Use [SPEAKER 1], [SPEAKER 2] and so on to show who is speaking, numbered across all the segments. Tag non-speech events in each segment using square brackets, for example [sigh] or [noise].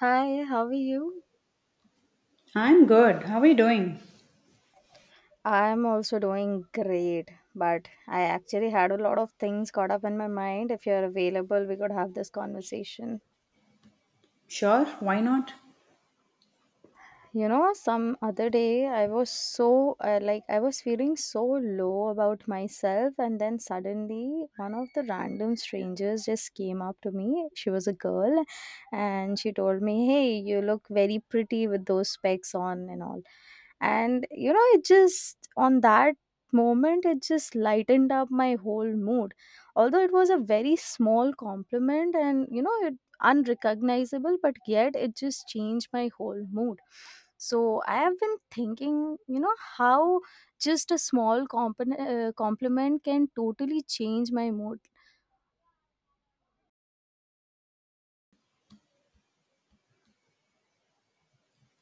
[SPEAKER 1] Hi, how are you?
[SPEAKER 2] I'm good. How are you doing?
[SPEAKER 1] I'm also doing great, but I actually had a lot of things caught up in my mind. If you're available, we could have this conversation.
[SPEAKER 2] Sure, why not?
[SPEAKER 1] Some other day I was so like I was feeling so low about myself, and then suddenly one of the random strangers just came up to me. She was a girl and she told me, hey, you look very pretty with those specs on and all. And it just, on that moment, it just lightened up my whole mood. Although it was a very small compliment and it unrecognizable, but yet it just changed my whole mood. So I have been thinking, how just a small compliment can totally change my mood.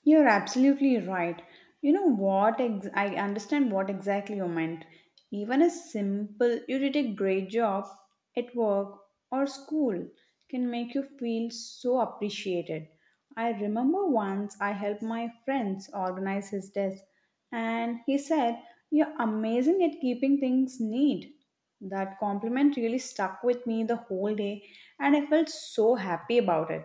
[SPEAKER 2] You're absolutely right. You know what? I understand what exactly you meant. Even a simple, you did a great job at work or school can make you feel so appreciated. I remember once I helped my friends organize his desk, and he said, You're amazing at keeping things neat. That compliment really stuck with me the whole day, and I felt so happy about it.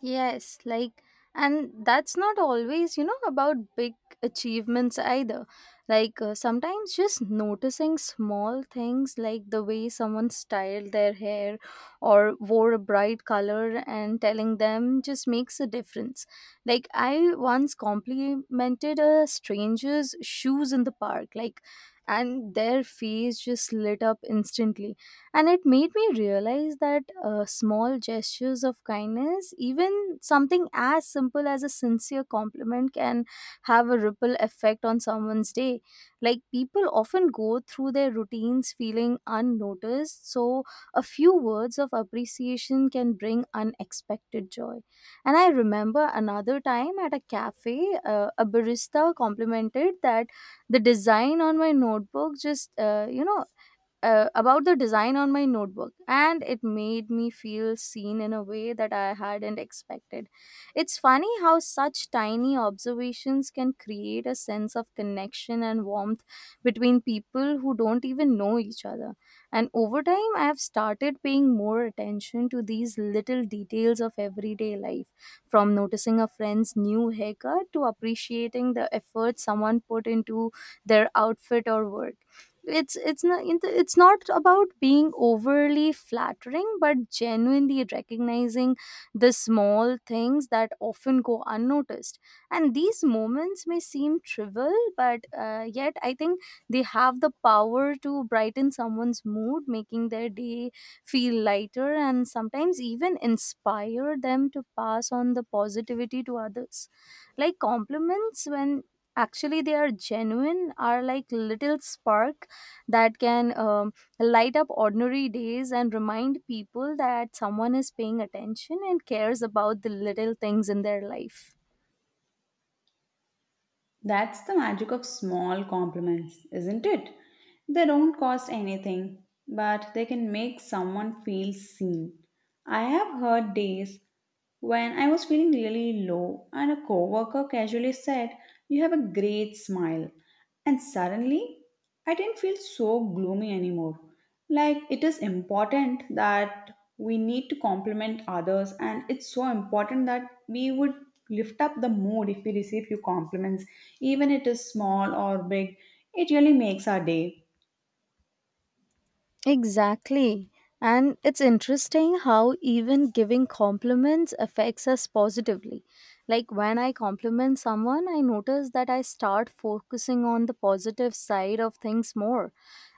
[SPEAKER 1] Yes, like, and that's not always, about big achievements either. Like, sometimes just noticing small things like the way someone styled their hair or wore a bright color and telling them just makes a difference. Like, I once complimented a stranger's shoes in the park, like, and their face just lit up instantly, and it made me realize that small gestures of kindness, even something as simple as a sincere compliment, can have a ripple effect on someone's day. Like people often go through their routines feeling unnoticed, so a few words of appreciation can bring unexpected joy. And I remember another time at a cafe, a barista complimented that the design on my notebook just about the design on my notebook, and it made me feel seen in a way that I hadn't expected. It's funny how such tiny observations can create a sense of connection and warmth between people who don't even know each other. And over time, I have started paying more attention to these little details of everyday life, from noticing a friend's new haircut to appreciating the effort someone put into their outfit or work. It's it's not about being overly flattering but genuinely recognizing the small things that often go unnoticed. And these moments may seem trivial, but yet I think they have the power to brighten someone's mood, making their day feel lighter and sometimes even inspire them to pass on the positivity to others. Like compliments, when actually they are genuine, are like little sparks that can light up ordinary days and remind people that someone is paying attention and cares about the little things in their life.
[SPEAKER 2] That's the magic of small compliments, isn't it? They don't cost anything, but they can make someone feel seen. I have heard days when I was feeling really low and a coworker casually said, "You have a great smile." And suddenly, I didn't feel so gloomy anymore. Like, it is important that we need to compliment others, and it's so important that we would lift up the mood if we receive few compliments, even it is small or big. It really makes our day.
[SPEAKER 1] Exactly. And it's interesting how even giving compliments affects us positively. Like when I compliment someone, I notice that I start focusing on the positive side of things more.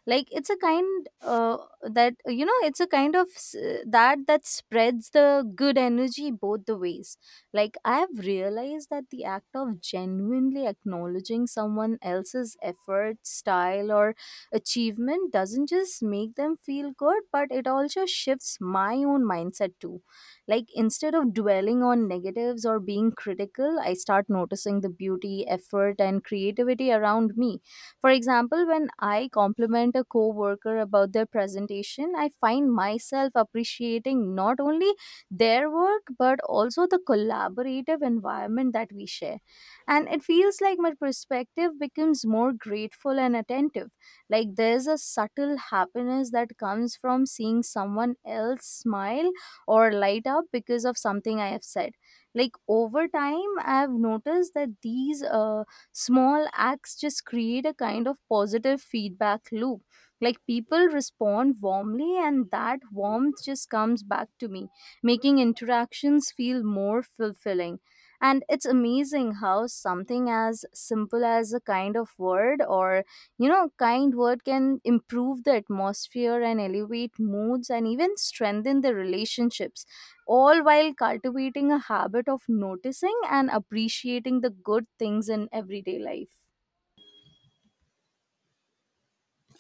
[SPEAKER 1] Like it's a kind that it's a kind of that spreads the good energy both the ways. Like I have realized that the act of genuinely acknowledging someone else's effort, style, or achievement doesn't just make them feel good, but it also shifts my own mindset too. Like instead of dwelling on negatives or being critical, I start noticing the beauty, effort, and creativity around me. For example, when I compliment a coworker about their presentation, I find myself appreciating not only their work but also the collaborative environment that we share. And it feels like my perspective becomes more grateful and attentive. Like there's a subtle happiness that comes from seeing someone else smile or light up because of something I have said. Like over time I have noticed that these small acts just create a kind of positive feedback loop. Like people respond warmly and that warmth just comes back to me, making interactions feel more fulfilling. And it's amazing how something as simple as a kind of word or, kind word, can improve the atmosphere and elevate moods and even strengthen the relationships, all while cultivating a habit of noticing and appreciating the good things in everyday life.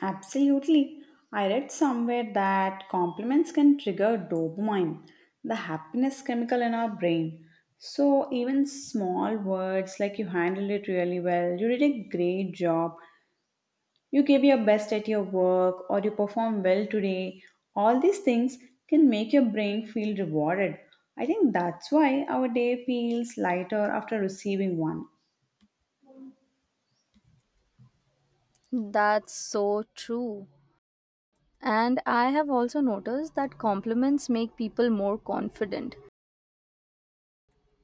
[SPEAKER 2] Absolutely. I read somewhere that compliments can trigger dopamine, the happiness chemical in our brain. So, even small words like you handled it really well, you did a great job, you gave your best at your work, or you performed well today, all these things can make your brain feel rewarded. I think that's why our day feels lighter after receiving one.
[SPEAKER 1] That's so true. And I have also noticed that compliments make people more confident.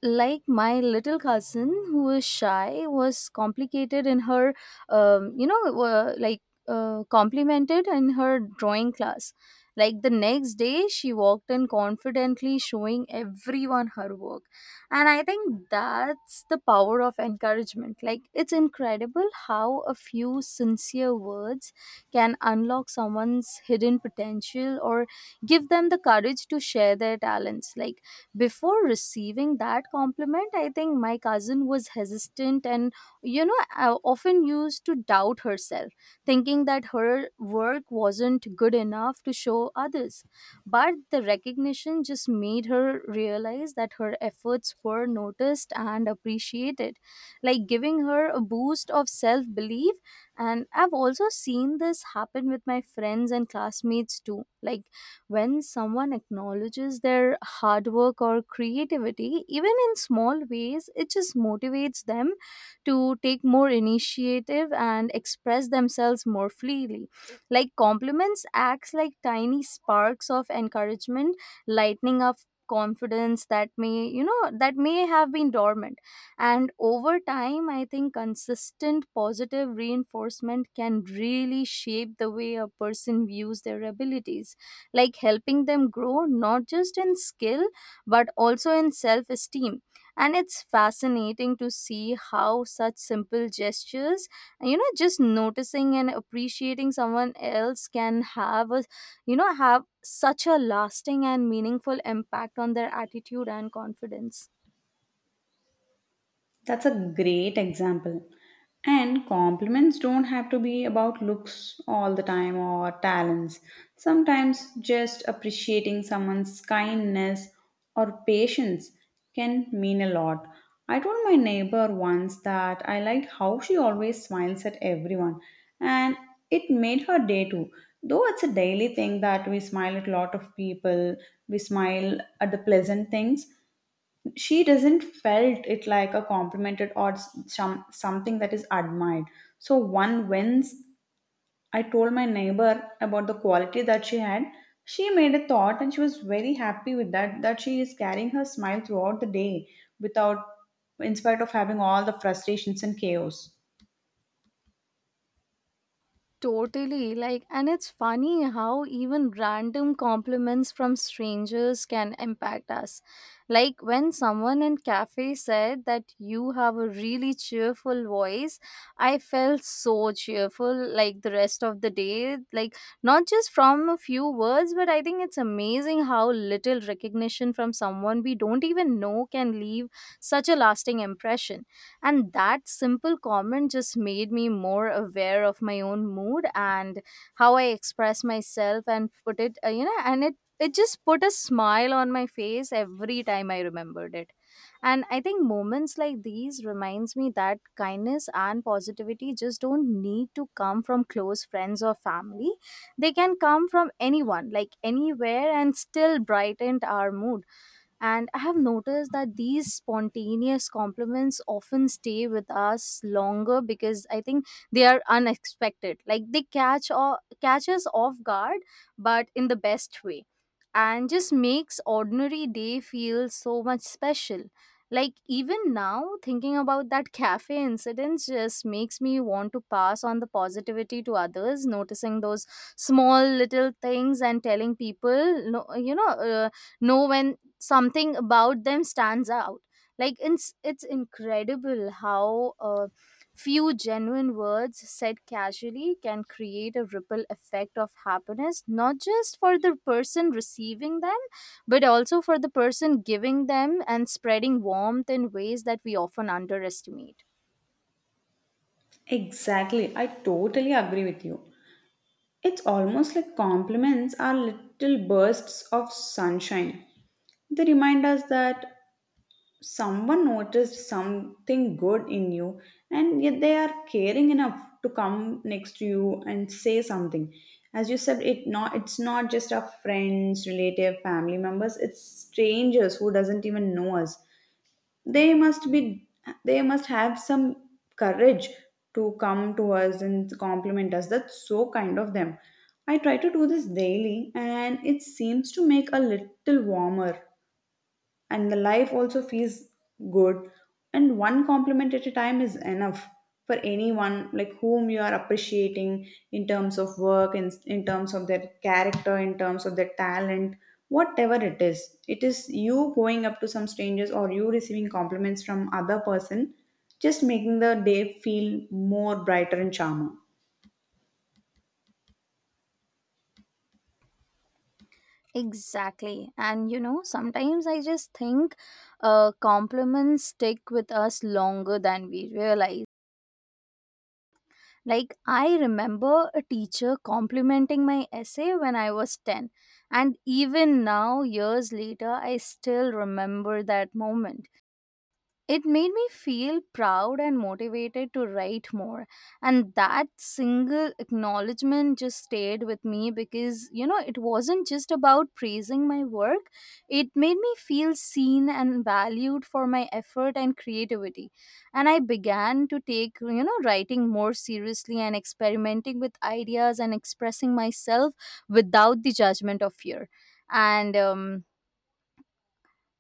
[SPEAKER 1] Like my little cousin, who is shy, was complicated in her um, you know uh, like complimented in her drawing class. Like the next day she walked in confidently, showing everyone her work. And I think that's the power of encouragement. Like it's incredible how a few sincere words can unlock someone's hidden potential or give them the courage to share their talents. Like before receiving that compliment, I think my cousin was hesitant and, often used to doubt herself, thinking that her work wasn't good enough to show others. But the recognition just made her realize that her efforts were noticed and appreciated, like giving her a boost of self belief. And I've also seen this happen with my friends and classmates too. Like when someone acknowledges their hard work or creativity, even in small ways, it just motivates them to take more initiative and express themselves more freely. Like compliments acts like tiny sparks of encouragement, lightening up confidence that may, that may have been dormant. And over time I think consistent positive reinforcement can really shape the way a person views their abilities, like helping them grow not just in skill but also in self esteem. And it's fascinating to see how such simple gestures, just noticing and appreciating someone else, can have a, have such a lasting and meaningful impact on their attitude and confidence.
[SPEAKER 2] That's a great example. And compliments don't have to be about looks all the time or talents. Sometimes just appreciating someone's kindness or patience can mean a lot. I told my neighbor once that I liked how she always smiles at everyone, and it made her day too. Though it's a daily thing that we smile at a lot of people, we smile at the pleasant things. She doesn't felt it like a complimented or something that is admired. So one wins. I told my neighbor about the quality that she had. She made a thought and she was very happy with that that she is carrying her smile throughout the day, without, in spite of having all the frustrations and chaos.
[SPEAKER 1] Totally. Like, and it's funny how even random compliments from strangers can impact us. Like, when someone in cafe said that you have a really cheerful voice, I felt so cheerful, like, the rest of the day. Like, not just from a few words, but I think it's amazing how little recognition from someone we don't even know can leave such a lasting impression. And that simple comment just made me more aware of my own mood and how I express myself and put it, and it just put a smile on my face every time I remembered it. And I think moments like these reminds me that kindness and positivity just don't need to come from close friends or family. They can come from anyone, like anywhere, and still brighten our mood. And I have noticed that these spontaneous compliments often stay with us longer because I think they are unexpected. Like they catch us off guard, but in the best way. And just makes ordinary day feel so much special. Like even now, thinking about that cafe incident just makes me want to pass on the positivity to others, noticing those small little things and telling people, no, know when something about them stands out. Like it's incredible how a few genuine words said casually can create a ripple effect of happiness, not just for the person receiving them but also for the person giving them, and spreading warmth in ways that we often underestimate.
[SPEAKER 2] Exactly, I totally agree with you. It's almost like compliments are little bursts of sunshine. They remind us that someone noticed something good in you, and yet they are caring enough to come next to you and say something. As you said, it's not just our friends, relative, family members. It's strangers who doesn't even know us. They must be, they must have some courage to come to us and compliment us. That's so kind of them. I try to do this daily and it seems to make a little warmer, and the life also feels good. And one compliment at a time is enough for anyone, like whom you are appreciating in terms of work, in terms of their character, in terms of their talent, whatever it is you going up to some strangers or you receiving compliments from other person, just making the day feel more brighter and charmer.
[SPEAKER 1] Exactly. And sometimes I just think compliments stick with us longer than we realize. Like, I remember a teacher complimenting my essay when I was 10, and even now, years later, I still remember that moment. It made me feel proud and motivated to write more. And that single acknowledgement just stayed with me because, it wasn't just about praising my work, it made me feel seen and valued for my effort and creativity. And I began to take, writing more seriously and experimenting with ideas and expressing myself without the judgment of fear. And,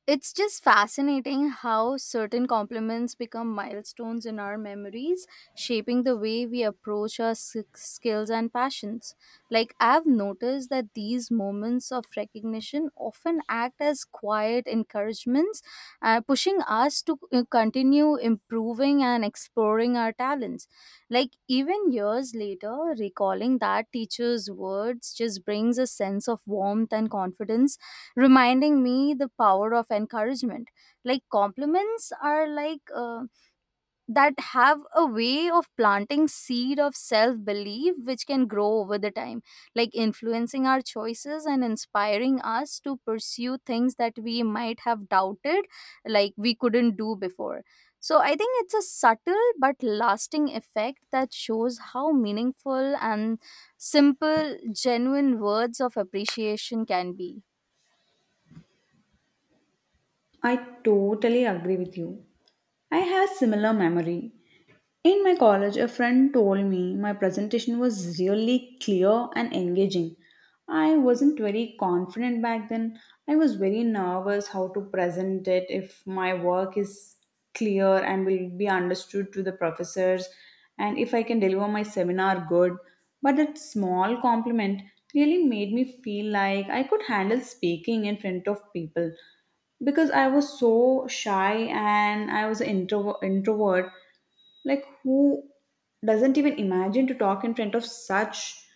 [SPEAKER 1] it's just fascinating how certain compliments become milestones in our memories, shaping the way we approach our skills and passions. Like, I've noticed that these moments of recognition often act as quiet encouragements, pushing us to continue improving and exploring our talents. Like, even years later, recalling that teacher's words just brings a sense of warmth and confidence, reminding me the power of encouragement. Like compliments are like that have a way of planting seed of self belief which can grow over the time, like influencing our choices and inspiring us to pursue things that we might have doubted, like we couldn't do before. So I think it's a subtle but lasting effect that shows how meaningful and simple genuine words of appreciation can be.
[SPEAKER 2] I totally agree with you. I have similar memory. In my college, a friend told me my presentation was really clear and engaging. I wasn't very confident back then. I was very nervous how to present it if my work is clear and will be understood to the professors and if I can deliver my seminar good. But that small compliment really made me feel like I could handle speaking in front of people because I was so shy and I was an introvert. Like, who doesn't even imagine to talk in front of such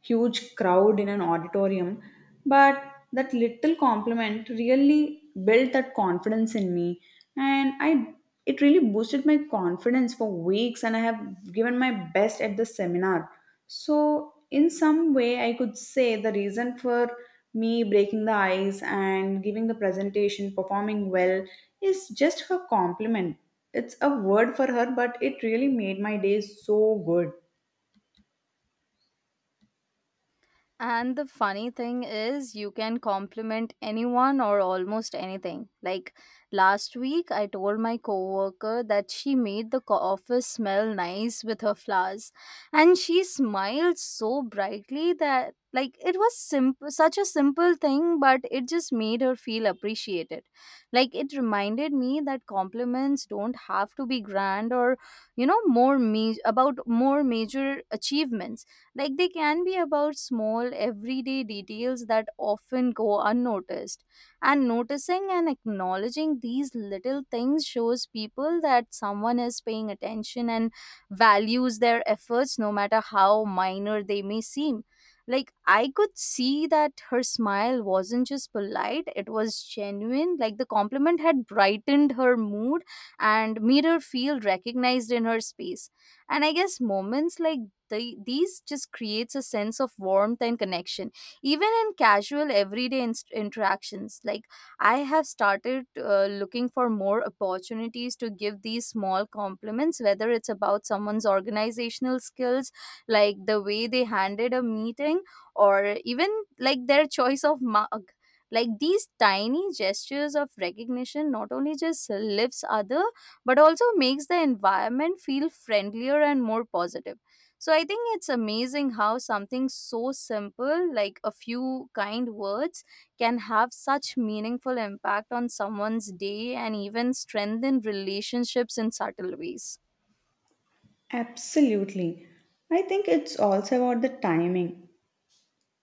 [SPEAKER 2] huge crowd in an auditorium? But that little compliment really built that confidence in me, and I it really boosted my confidence for weeks, and I have given my best at the seminar. So, in some way, I could say the reason for me breaking the ice and giving the presentation, performing well, is just her compliment. It's a word for her, but it really made my day so good.
[SPEAKER 1] And the funny thing is, you can compliment anyone or almost anything. Like last week I told my coworker that she made the office smell nice with her flowers, and she smiled so brightly that, like, it was simple such a simple thing, but it just made her feel appreciated. Like it reminded me that compliments don't have to be grand or, more about more major achievements. Like they can be about small everyday details that often go unnoticed. And noticing and acknowledging these little things shows people that someone is paying attention and values their efforts no matter how minor they may seem. Like I could see that her smile wasn't just polite, it was genuine. Like the compliment had brightened her mood and made her feel recognized in her space. And I guess moments like these just creates a sense of warmth and connection even in casual everyday interactions. Like I have started looking for more opportunities to give these small compliments, whether it's about someone's organizational skills, like the way they handled a meeting, or even like their choice of mug. Like these tiny gestures of recognition not only just lifts other but also makes the environment feel friendlier and more positive. So I think it's amazing how something so simple, like a few kind words, can have such meaningful impact on someone's day and even strengthen relationships in subtle ways.
[SPEAKER 2] Absolutely. I think it's also about the timing.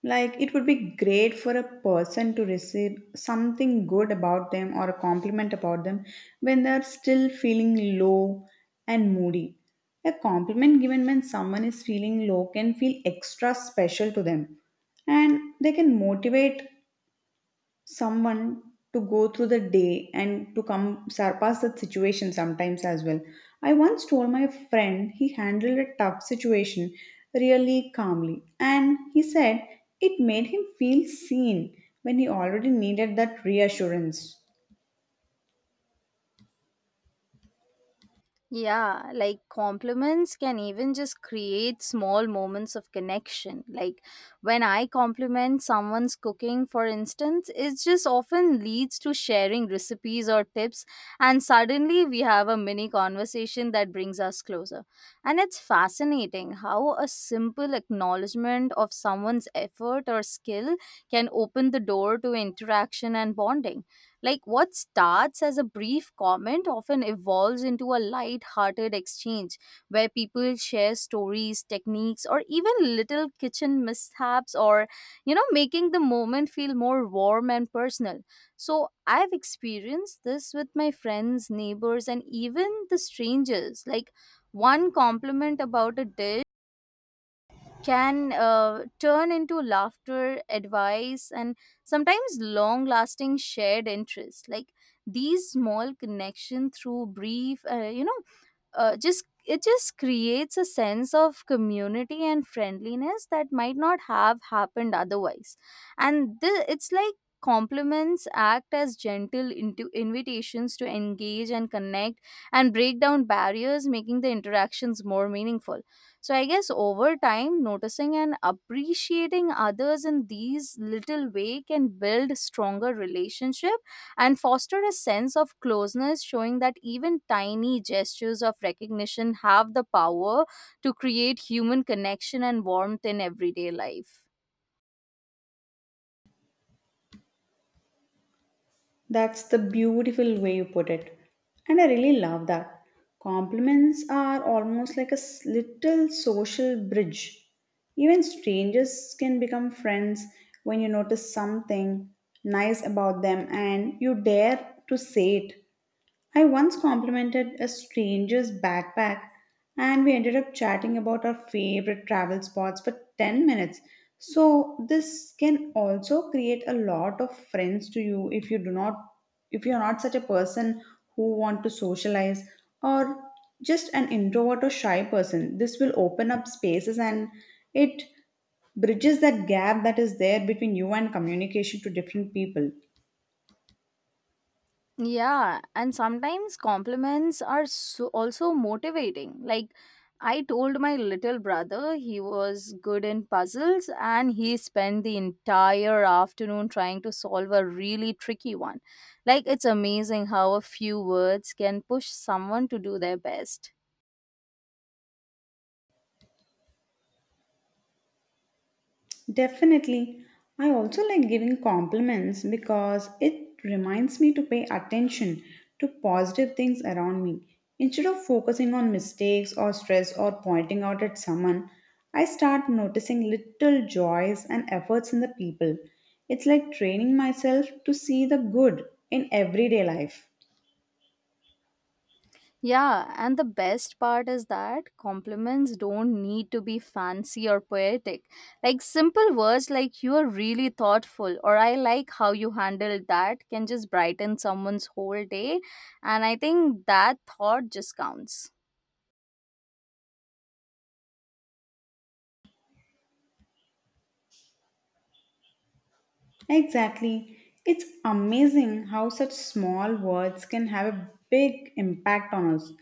[SPEAKER 2] Like, it would be great for a person to receive something good about them or a compliment about them when they're still feeling low and moody. A compliment given when someone is feeling low can feel extra special to them and they can motivate someone to go through the day and to come surpass that situation sometimes as well. I once told my friend he handled a tough situation really calmly, and he said it made him feel seen when he already needed that reassurance.
[SPEAKER 1] Yeah, like compliments can even just create small moments of connection. Like when I compliment someone's cooking, for instance, it just often leads to sharing recipes or tips, and suddenly we have a mini conversation that brings us closer. And it's fascinating how a simple acknowledgement of someone's effort or skill can open the door to interaction and bonding. Like what starts as a brief comment often evolves into a light-hearted exchange where people share stories, techniques, or even little kitchen mishaps, or making the moment feel more warm and personal. So I've experienced this with my friends, neighbors, and even the strangers. Like one compliment about a dish can turn into laughter, advice, and sometimes long lasting shared interests. Like these small connection through brief, you know, just it just creates a sense of community and friendliness that might not have happened otherwise. And it's like compliments act as gentle into invitations to engage and connect and break down barriers, making the interactions more meaningful. So I guess over time, noticing and appreciating others in these little way can build stronger relationships and foster a sense of closeness, showing that even tiny gestures of recognition have the power to create human connection and warmth in everyday life.
[SPEAKER 2] That's the beautiful way you put it. And I really love that. Compliments are almost like a little social bridge. Even strangers can become friends when you notice something nice about them and you dare to say it. I once complimented a stranger's backpack and we ended up chatting about our favorite travel spots for 10 minutes. So this can also create a lot of friends to you if you're not such a person who want to socialize or just an introvert or shy person. This will open up spaces and it bridges that gap that is there between you and communication to different people.
[SPEAKER 1] Yeah, and sometimes compliments are so also motivating. Like, I told my little brother he was good in puzzles and he spent the entire afternoon trying to solve a really tricky one. Like, it's amazing how a few words can push someone to do their best.
[SPEAKER 2] Definitely. I also like giving compliments because it reminds me to pay attention to positive things around me. Instead of focusing on mistakes or stress or pointing out at someone, I start noticing little joys and efforts in the people. It's like training myself to see the good in everyday life.
[SPEAKER 1] Yeah, and the best part is that compliments don't need to be fancy or poetic. Like simple words like you are really thoughtful or I like how you handled that can just brighten someone's whole day. And I think that thought just counts.
[SPEAKER 2] Exactly. It's amazing how such small words can have a big impact on us.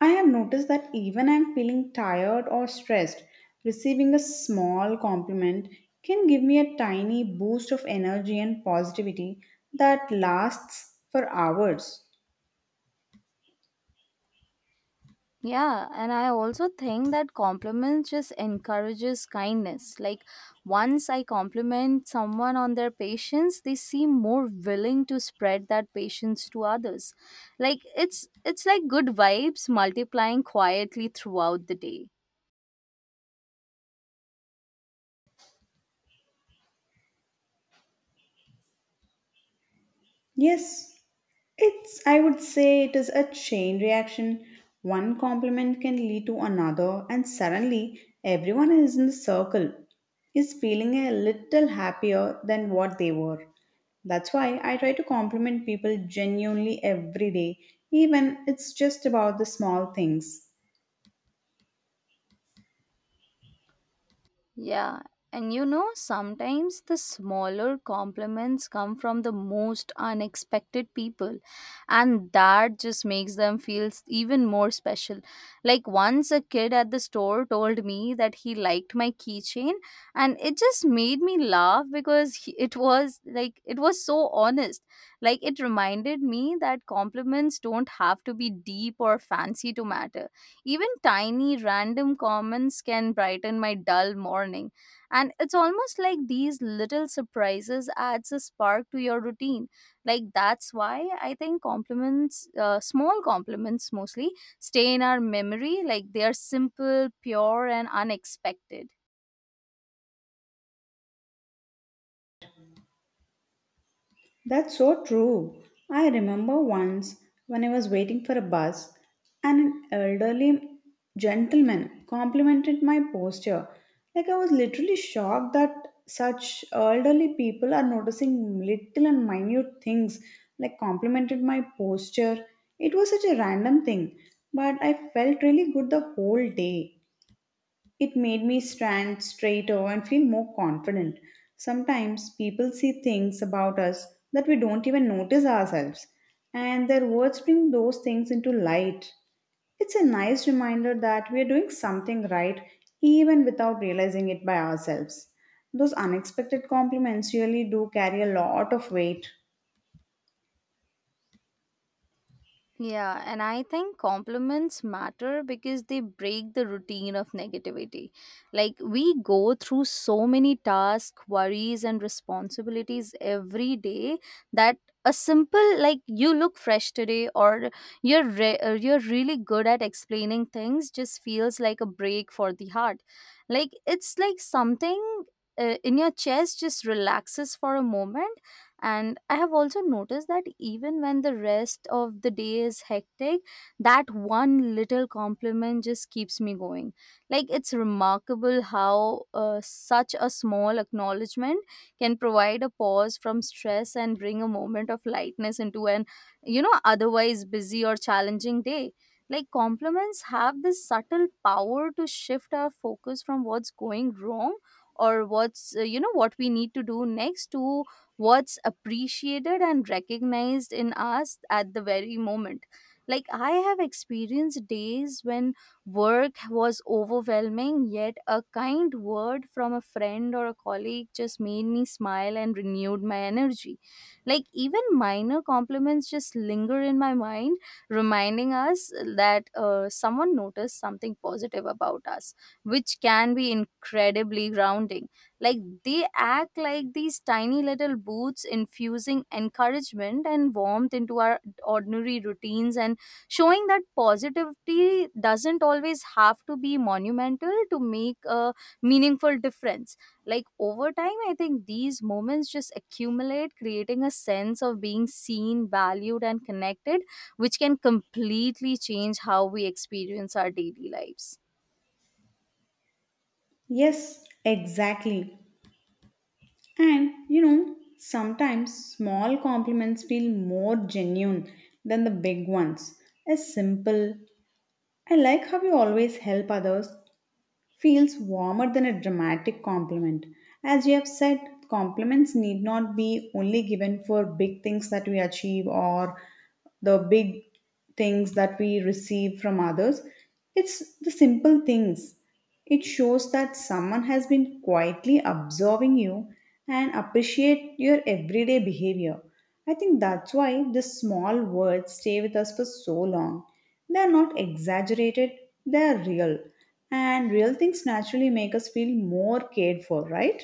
[SPEAKER 2] I have noticed that even I'm feeling tired or stressed, receiving a small compliment can give me a tiny boost of energy and positivity that lasts for hours.
[SPEAKER 1] Yeah, and I also think that compliments just encourages kindness. Like once I compliment someone on their patience, they seem more willing to spread that patience to others. Like it's like good vibes multiplying quietly throughout the day.
[SPEAKER 2] Yes, it's, I would say, it is a chain reaction. One compliment can lead to another, and suddenly everyone is in the circle is feeling a little happier than what they were. That's why I try to compliment people genuinely every day, even it's just about the small things.
[SPEAKER 1] Yeah, and you know, sometimes the smaller compliments come from the most unexpected people, and that just makes them feel even more special. Like, once a kid at the store told me that he liked my keychain, and it just made me laugh because he, it was like it was so honest. Like, it reminded me that compliments don't have to be deep or fancy to matter. Even tiny random comments can brighten my dull morning. And it's almost like these little surprises adds a spark to your routine. Like that's why I think compliments, small compliments mostly, stay in our memory. Like they are simple, pure, and unexpected.
[SPEAKER 2] That's so true. I remember once when I was waiting for a bus and an elderly gentleman complimented my posture. Like I was literally shocked that such elderly people are noticing little and minute things, like complimented my posture. It was such a random thing, but I felt really good the whole day. It made me stand straighter and feel more confident. Sometimes people see things about us that we don't even notice ourselves, and their words bring those things into light. It's a nice reminder that we are doing something right even without realizing it by ourselves. Those unexpected compliments really do carry a lot of weight.
[SPEAKER 1] Yeah, and I think compliments matter because they break the routine of negativity. Like, we go through so many tasks, worries, and responsibilities every day, that a simple, like, you look fresh today, or or you're really good at explaining things, just feels like a break for the heart. Like, it's like something in your chest just relaxes for a moment. And I have also noticed that even when the rest of the day is hectic, that one little compliment just keeps me going. Like it's remarkable how such a small acknowledgement can provide a pause from stress and bring a moment of lightness into an, otherwise busy or challenging day. Like compliments have this subtle power to shift our focus from what's going wrong or what's, what we need to do next, to what's appreciated and recognized in us at the very moment. Like, I have experienced days when work was overwhelming, yet a kind word from a friend or a colleague just made me smile and renewed my energy. Like, even minor compliments just linger in my mind, reminding us that someone noticed something positive about us, which can be incredibly grounding. Like they act like these tiny little booths, infusing encouragement and warmth into our ordinary routines, and showing that positivity doesn't always have to be monumental to make a meaningful difference. Like over time, I think these moments just accumulate, creating a sense of being seen, valued, and connected, which can completely change how we experience our daily lives.
[SPEAKER 2] Yes, exactly. And you know, sometimes small compliments feel more genuine than the big ones. A simple, I like how you always help others, feels warmer than a dramatic compliment. As you have said, compliments need not be only given for big things that we achieve or the big things that we receive from others. It's the simple things, it shows that someone has been quietly observing you and appreciate your everyday behavior. I think that's why the small words stay with us for so long. They are not exaggerated, they are real. And real things naturally make us feel more cared for, right?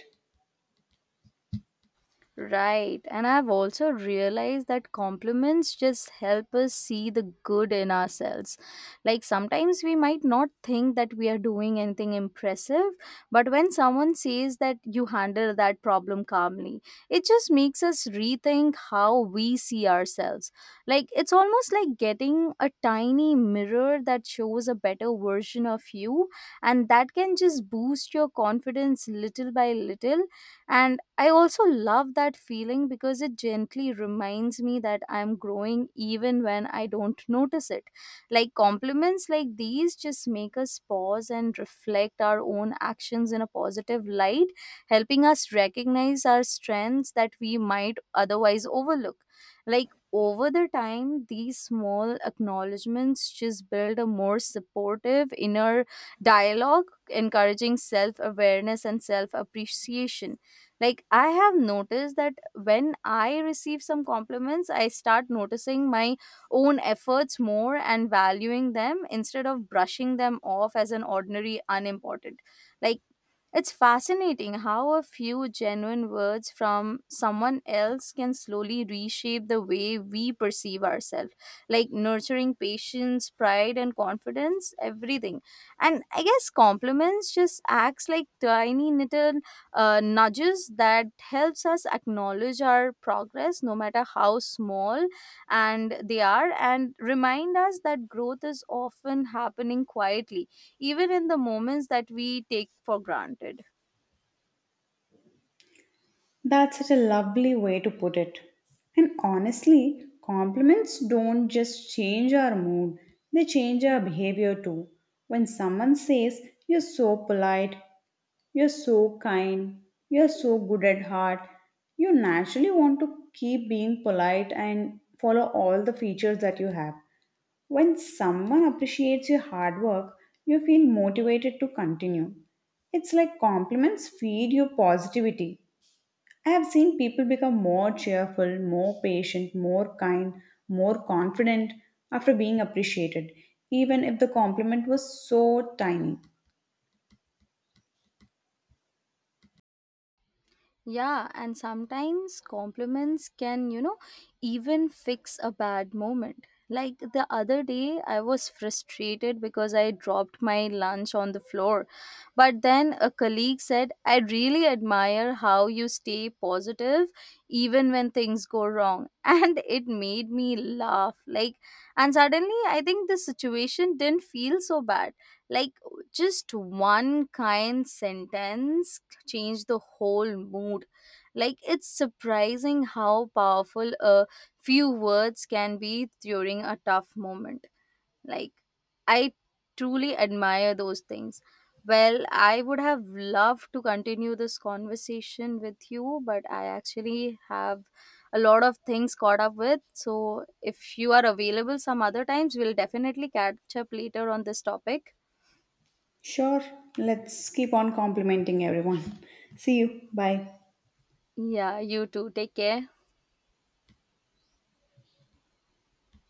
[SPEAKER 1] Right. And I've also realized that compliments just help us see the good in ourselves. Like sometimes we might not think that we are doing anything impressive, but when someone says that you handle that problem calmly, it just makes us rethink how we see ourselves. Like it's almost like getting a tiny mirror that shows a better version of you, and that can just boost your confidence little by little. And I also love that feeling because it gently reminds me that I'm growing even when I don't notice it. Like compliments like these just make us pause and reflect our own actions in a positive light, helping us recognize our strengths that we might otherwise overlook. Like over the time, these small acknowledgments just build a more supportive inner dialogue, encouraging self awareness and self appreciation. Like I have noticed that when I receive some compliments, I start noticing my own efforts more and valuing them instead of brushing them off as an ordinary unimportant. Like it's fascinating how a few genuine words from someone else can slowly reshape the way we perceive ourselves, like nurturing patience, pride, and confidence, everything. And I guess compliments just acts like tiny little nudges that helps us acknowledge our progress, no matter how small and they are, and remind us that growth is often happening quietly even in the moments that we take for granted.
[SPEAKER 2] That's such a lovely way to put it. And honestly, compliments don't just change our mood, they change our behavior too. When someone says, You're so polite, You're so kind. You're so good at heart. You naturally want to keep being polite and follow all the features that you have. When someone appreciates your hard work, you feel motivated to continue. It's like compliments feed your positivity. I have seen people become more cheerful, more patient, more kind, more confident after being appreciated, even if the compliment was so tiny.
[SPEAKER 1] Yeah, and sometimes compliments can, you know, even fix a bad moment. Like the other day, I was frustrated because I dropped my lunch on the floor. But then a colleague said, I really admire how you stay positive even when things go wrong. [laughs] And it made me laugh. Like, and suddenly I think the situation didn't feel so bad. Like, just one kind sentence changed the whole mood. Like it's surprising how powerful a few words can be during a tough moment. Like I truly admire those things. Well, I would have loved to continue this conversation with you, but I actually have a lot of things caught up with, so if you are available some other times, we'll definitely catch up later on this topic.
[SPEAKER 2] Sure, let's keep on complimenting everyone. See you. Bye.
[SPEAKER 1] Yeah, you too. Take care.